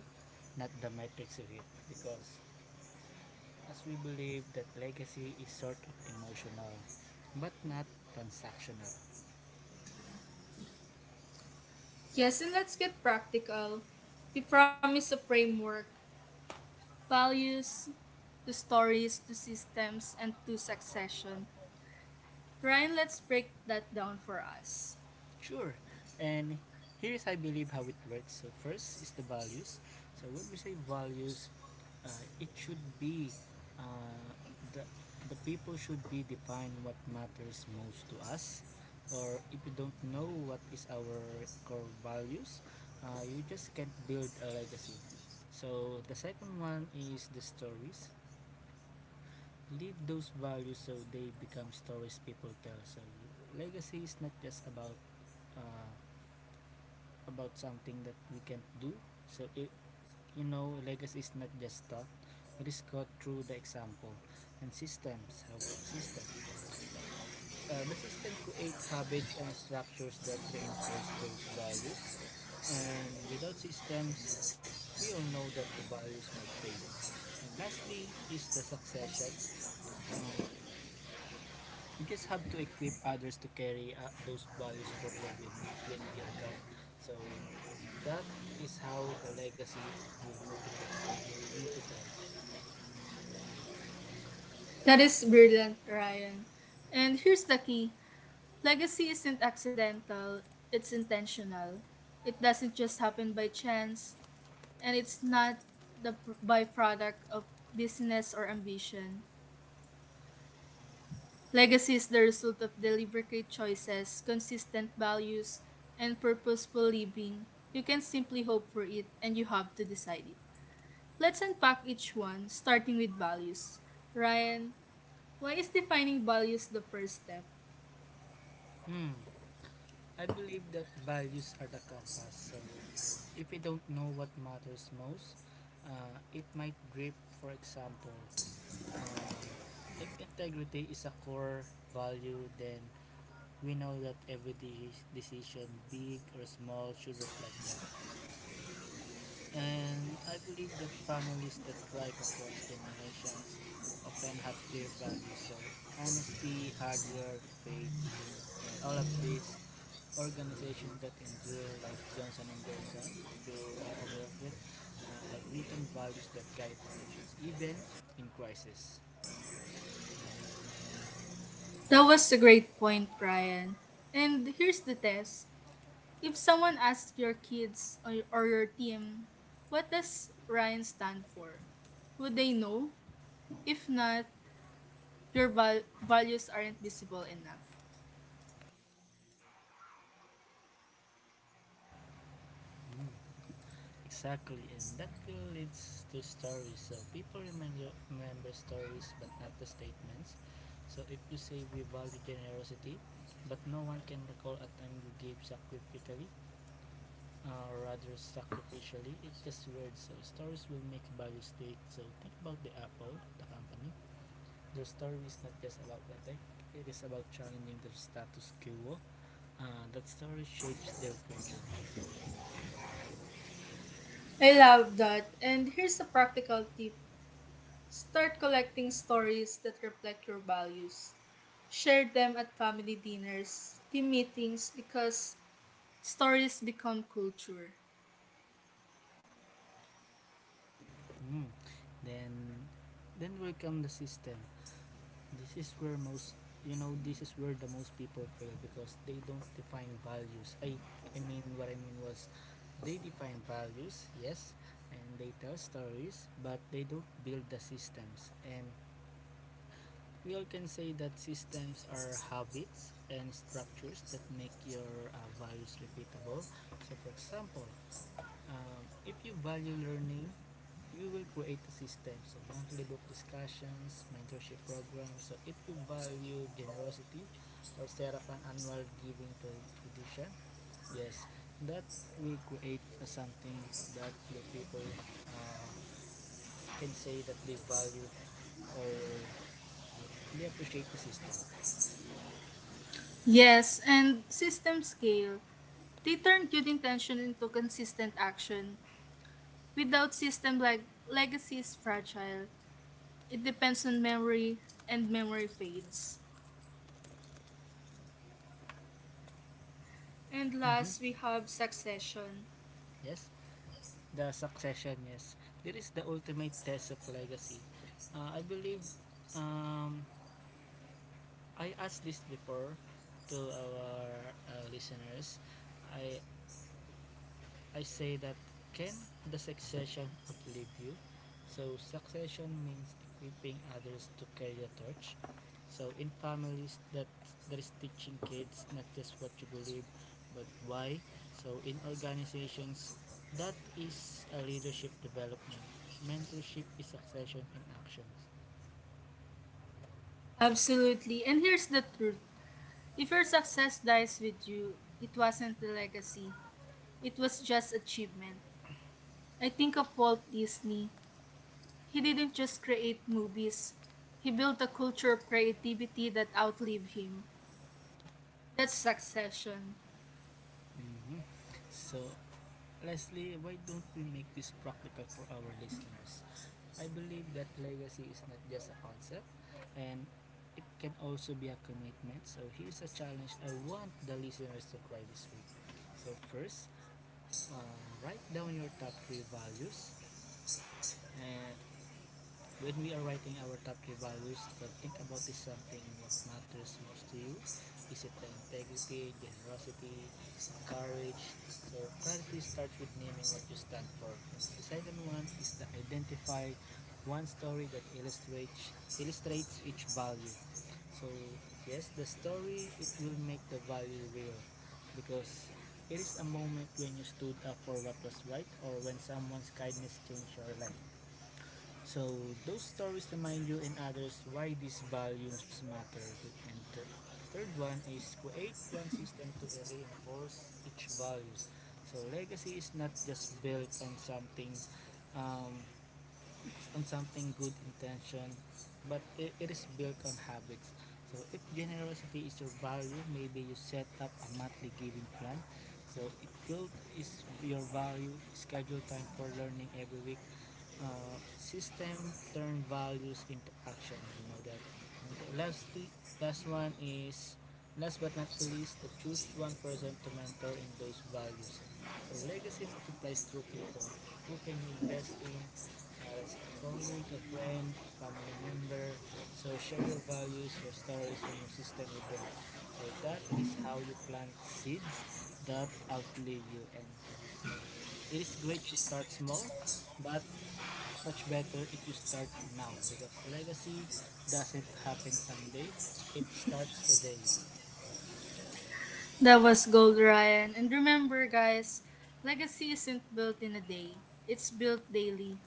not the metrics of it, because as we believe that legacy is sort of emotional, but not transactional. Yes, and let's get practical. The promise of framework, values, to stories, to systems, and to succession. Ryan, let's break that down for us. Sure. And here is, I believe, how it works. So first is the values. So when we say values, uh, it should be uh, the the people should be define what matters most to us. Or if you don't know what is our core values, uh, you just can't build a legacy. So the second one is the stories. Leave those values so they become stories people tell. So legacy is not just about uh, about something that we can't do. So it, you know, legacy is not just taught; it is taught through the example. And systems. How about the system? Uh, the system create habits and structures that reinforce those values. And without systems, we all know that the values might fade. And lastly is the successions. Um, you just have to equip others to carry uh, those values forward when you, when we are gone. So that is how the legacy will multiple will multiply. That is brilliant, Ryan. And here's the key: legacy isn't accidental, it's intentional. It doesn't just happen by chance, and it's not the pr- byproduct of business or ambition. Legacy is the result of deliberate choices, consistent values, and purposeful living. You can simply hope for it, and you have to decide it. Let's unpack each one, starting with values. Ryan, why is defining values the first step? Hmm. I believe that values are the compass. So if we don't know what matters most, uh, it might grip. For example, uh, if integrity is a core value, then we know that every de- decision, big or small, should reflect that. And I believe that families that thrive across generations often have clear values. So honesty, hard work, faith, and all of these organizations that endure, like Johnson and Johnson, if you are aware of it, uh, have written values that guide decisions even in crisis. That was a great point, Ryan. And here's the test. If someone asks your kids or or your team, what does Ryan stand for? Would they know? If not, your val- values aren't visible enough. Mm, exactly, and that will leads to stories. So people remember remember stories, but not the statements. So if you say we value generosity, but no one can recall a time you gave sacrificially, uh, or rather sacrificially, it's just words. So stories will make value stick. So think about the Apple, the company. Their story is not just about attack; it is about challenging their status quo. Uh, that story shapes their culture. I love that. And here's a practical tip: start collecting stories that reflect your values. Share them at family dinners, team meetings, because stories become culture. Mm. Then then will come the system. This is where most you know this is where the most people fail because they don't define values. I I mean what I mean was they define values, yes, and they tell stories, but they don't build the systems. And we all can say that systems are habits and structures that make your uh, values repeatable. So for example, um, if you value learning, you will create a system. So, monthly book discussions, mentorship programs. So, if you value generosity or set up an annual giving tra- tradition, yes, that will create a something that will people uh, can say that they value or they appreciate the system. Yes, and system scale. They turn good intention into consistent action. Without system, like legacy is fragile. It depends on memory, and memory fades. And Mm-hmm. last, we have succession. Yes, the succession. Yes, there is the ultimate test of legacy. Uh, I believe um, I asked this before to our uh, listeners. I I say that can the succession outlive you? So succession means equipping others to carry the torch. So in families that there is teaching kids not just what you believe but why. So in organizations that is a leadership development. Mentorship is succession in actions. Absolutely. And here's the truth: if your success dies with you, it wasn't the legacy, it was just achievement. I think of Walt Disney. He didn't just create movies, he built a culture of creativity that outlived him. That's succession. Mhm. So, lastly, why don't we make this practical for our listeners? I believe that legacy is not just a concept, and it can also be a commitment. So, here's a challenge I want the listeners to try this week. So, first, uh, write down your top three values. And when we are writing our top three values, to think about is something what matters most to you. Is it the integrity, generosity, or courage? So clarity starts with naming what you stand for. And the second one is to identify one story that illustrates illustrates each value. So yes, the story it will make the value real because it is a moment when you stood up for what was right or when someone's kindness changed your life. So those stories remind you and others why these values matter. And the, the third one is create one system to reinforce each values. So legacy is not just built on something, um, on something good intention, but it it is built on habits. So if generosity is your value, maybe you set up a monthly giving plan. So if growth is your value, schedule time for learning every week. Uh, system turn values into action, you know that. And lastly, last one is, last but not the least, to choose one person to mentor in those values. So legacy multiplies through people. Who can you invest in? Uh, that's a colleague, a friend, a family member. So share your values, your stories, and your system with them. So that is how you plant seeds that outlive you. And it is great to start small, but much better if you start now because legacy doesn't happen someday. It starts today. That was gold, Ryan. And remember, guys, legacy isn't built in a day, it's built daily.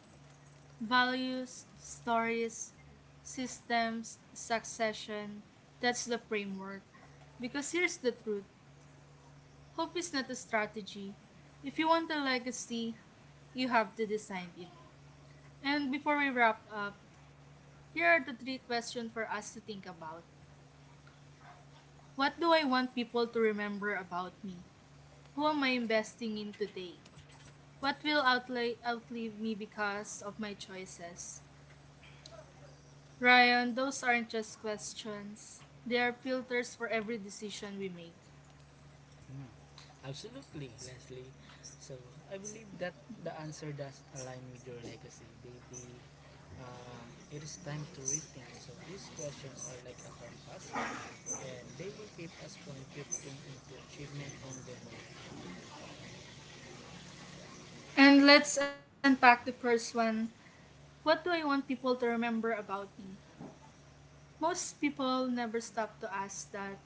Values, stories, systems, succession, that's the framework. Because here's the truth: hope is not a strategy. If you want a legacy, you have to design it. And before we wrap up, here are the three questions for us to think about. What do I want people to remember about me? Who am I investing in today? What will outli- outlive me because of my choices? Ryan, those aren't just questions. They are filters for every decision we make. Mm. Absolutely, Leslie. So, I believe that the answer does align with your legacy, baby. Um, it is time to rethink. So, these questions are like a compass, and they will keep us from drifting into achievement only mode. And let's unpack the first one. What do I want people to remember about me? Most people never stop to ask that.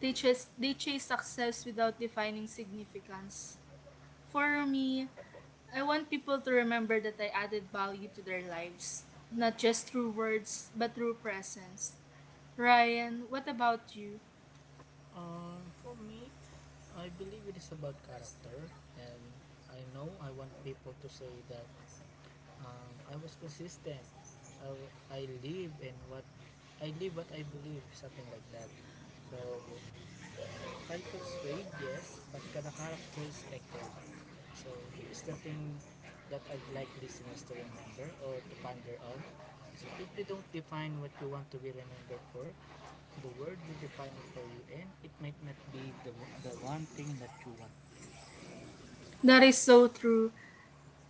They chase, they chase success without defining significance. For me, I want people to remember that I added value to their lives, not just through words, but through presence. Ryan, what about you? Um, for me, I believe it is about character, and I know I want people to say that, um, I was consistent. I, I live and what I live what I believe, something like that. So titles fade, yes, but kana characters echo. So here's the thing that I'd like listeners to remember or to ponder on, is that if you don't define what you want to be remembered for, the word will define it for you, and it might not be the, the one thing that you want. That is so true.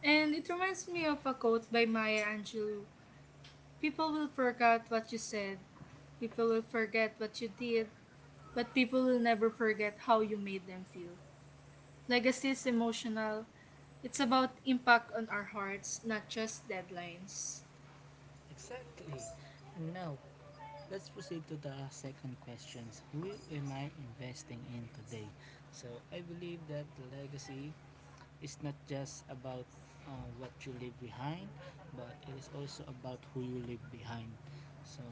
And it reminds me of a quote by Maya Angelou. People will forget what you said, people will forget what you did, but people will never forget how you made them feel. Legacy is emotional. It's about impact on our hearts, not just deadlines. Exactly. Now, let's proceed to the second questions. Who am I investing in today? So I believe that the legacy is not just about uh, what you leave behind, but it is also about who you leave behind. So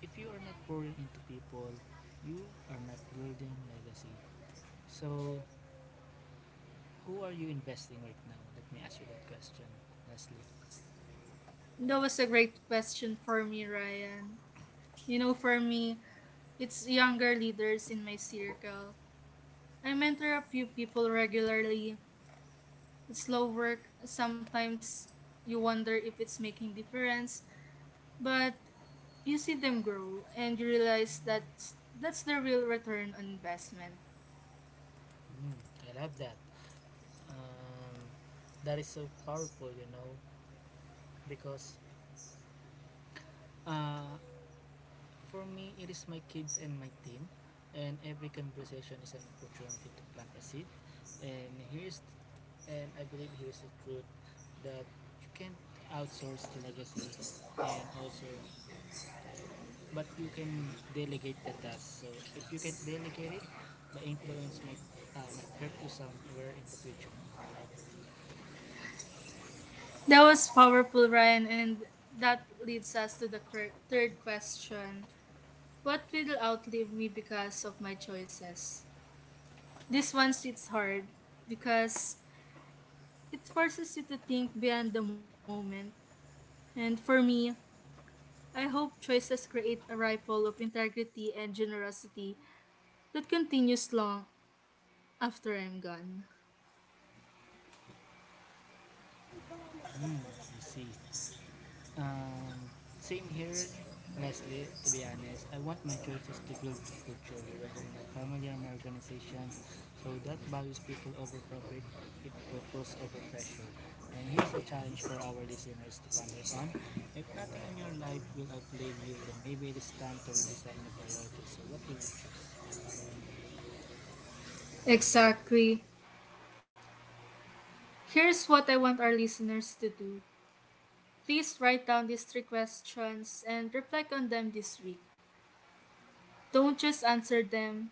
if you are not pouring into people, you are not building legacy. So who are you investing right now? Let me ask you that question, Leslie. That was a great question for me, Ryan. You know, for me, it's younger leaders in my circle. I mentor a few people regularly. It's slow work. Sometimes you wonder if it's making difference, but you see them grow and you realize that that's the real return on investment. Mm, I love that. Um, that is so powerful, you know, because Uh, for me, it is my kids and my team, and every conversation is an opportunity to plant a seed. And here's, and I believe here's the truth that you can't outsource legacy, and also, but you can delegate the task. So if you can delegate it, the influence might, uh, might hurt you somewhere in the future. That was powerful, Ryan, and that leads us to the quir- third question. What will outlive me because of my choices? This one sits hard because it forces you to think beyond the moment. And for me, I hope choices create a ripple of integrity and generosity that continues long after I'm gone. Hmm, I see. Um, same here, honestly, to be honest. I want my choices to build culture, whether in my family or my organizations, so that values people over profit, it purpose over pressure. And here's a challenge for our listeners to ponder on. If nothing in your life will outlive you, then maybe it is time to redesign your priorities. So what will you choose? Exactly. Here's what I want our listeners to do: please write down these three questions and reflect on them this week. Don't just answer them,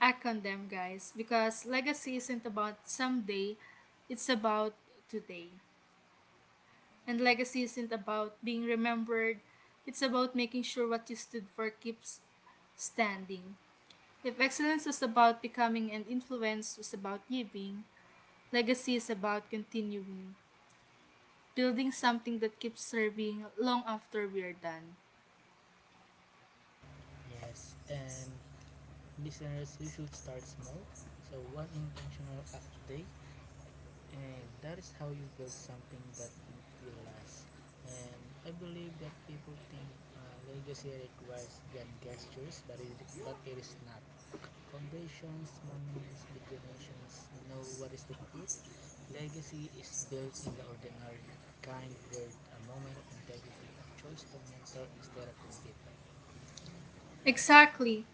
act on them, guys, because legacy isn't about someday, it's about today. And legacy isn't about being remembered, it's about making sure what you stood for keeps standing. If excellence was about becoming and influence was about giving, legacy is about continuing, building something that keeps serving long after we are done. Yes, and listeners, you should start small. So one intentional act a day, and that is how you build something that will last. And I believe that people think uh, legacy requires grand gestures, but it, but it is not foundations, monuments, big donations. You know what is the truth? Legacy is built in the ordinary: a kind word, a moment of integrity, a choice to mentor instead of compete. Exactly.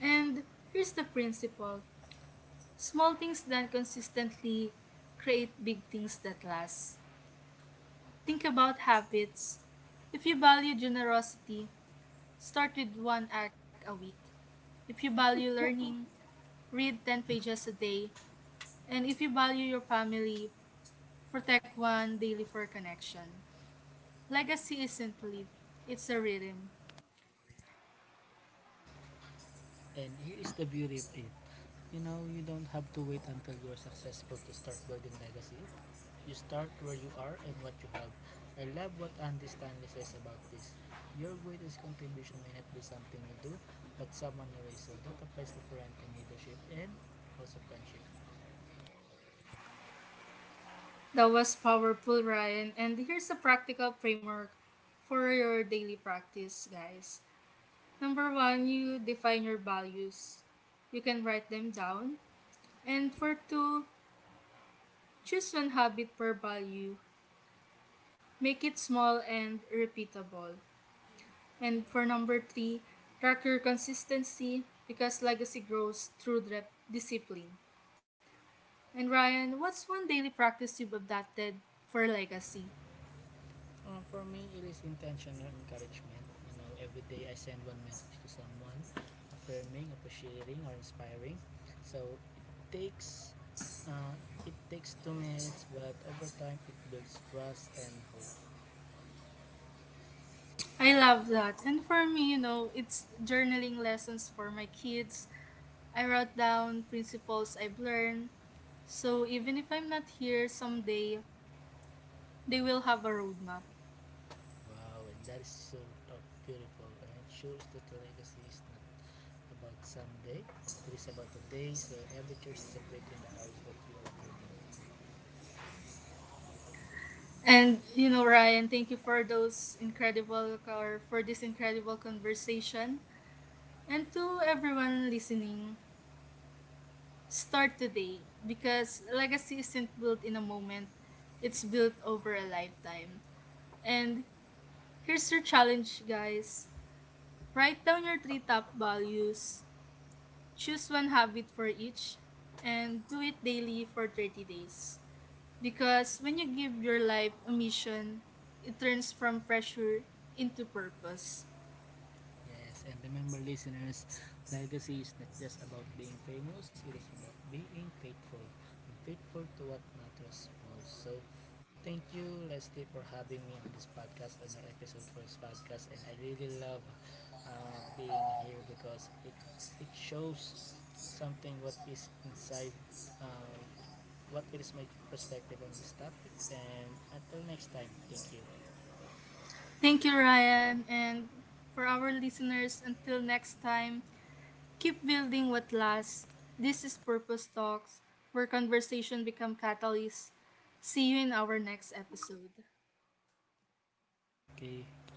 And here's the principle: small things done consistently create big things that last. Think about habits. If you value generosity, start with one act a week. If you value learning, read ten pages a day. And if you value your family, protect one daily for connection. Legacy isn't lived; it's a rhythm. And here is the beauty of it. You know, you don't have to wait until you are successful to start building legacy. You start where you are and what you have. I love what Andy Stanley says about this. Your greatest contribution may not be something you do, but someone you raise. So that applies to parenting, leadership, and also friendship. That was powerful, Ryan. And here's a practical framework for your daily practice, guys. Number one, you define your values. You can write them down. And for two, choose one habit per value. Make it small and repeatable. And for number three, track your consistency because legacy grows through dre- discipline. And Ryan, what's one daily practice you've adopted for legacy? Uh, for me, it is intentional encouragement. You know, every day I send one message to someone, affirming, appreciating, or inspiring. So it takes, uh, it takes two minutes, but over time it builds trust and hope. I love that. And for me, you know, it's journaling lessons for my kids. I wrote down principles I've learned. So even if I'm not here someday, they will have a roadmap. Wow, and that is so of beautiful. And it shows that the legacy is not about someday; it is about today. So every choice is a brick in the house that you are building. And you know, Ryan, thank you for those incredible or for this incredible conversation. And to everyone listening, start today because legacy isn't built in a moment. It's built over a lifetime. And here's your challenge, guys. Write down your three top values, choose one habit for each, and do it daily for thirty days. Because when you give your life a mission, it turns from pressure into purpose. Yes, and remember, listeners, legacy is not just about being famous, it is about being faithful, and faithful to what matters most. So, thank you, Leslie, for having me on this podcast, on your episode first podcast, and I really love uh, being here because it it shows something what is inside. Uh, what is my perspective on this topic, and until next time, thank you. Thank you, Ryan. And for our listeners, until next time, keep building what lasts. This is Purpose Talks, where conversation become catalysts. See you in our next episode. Okay.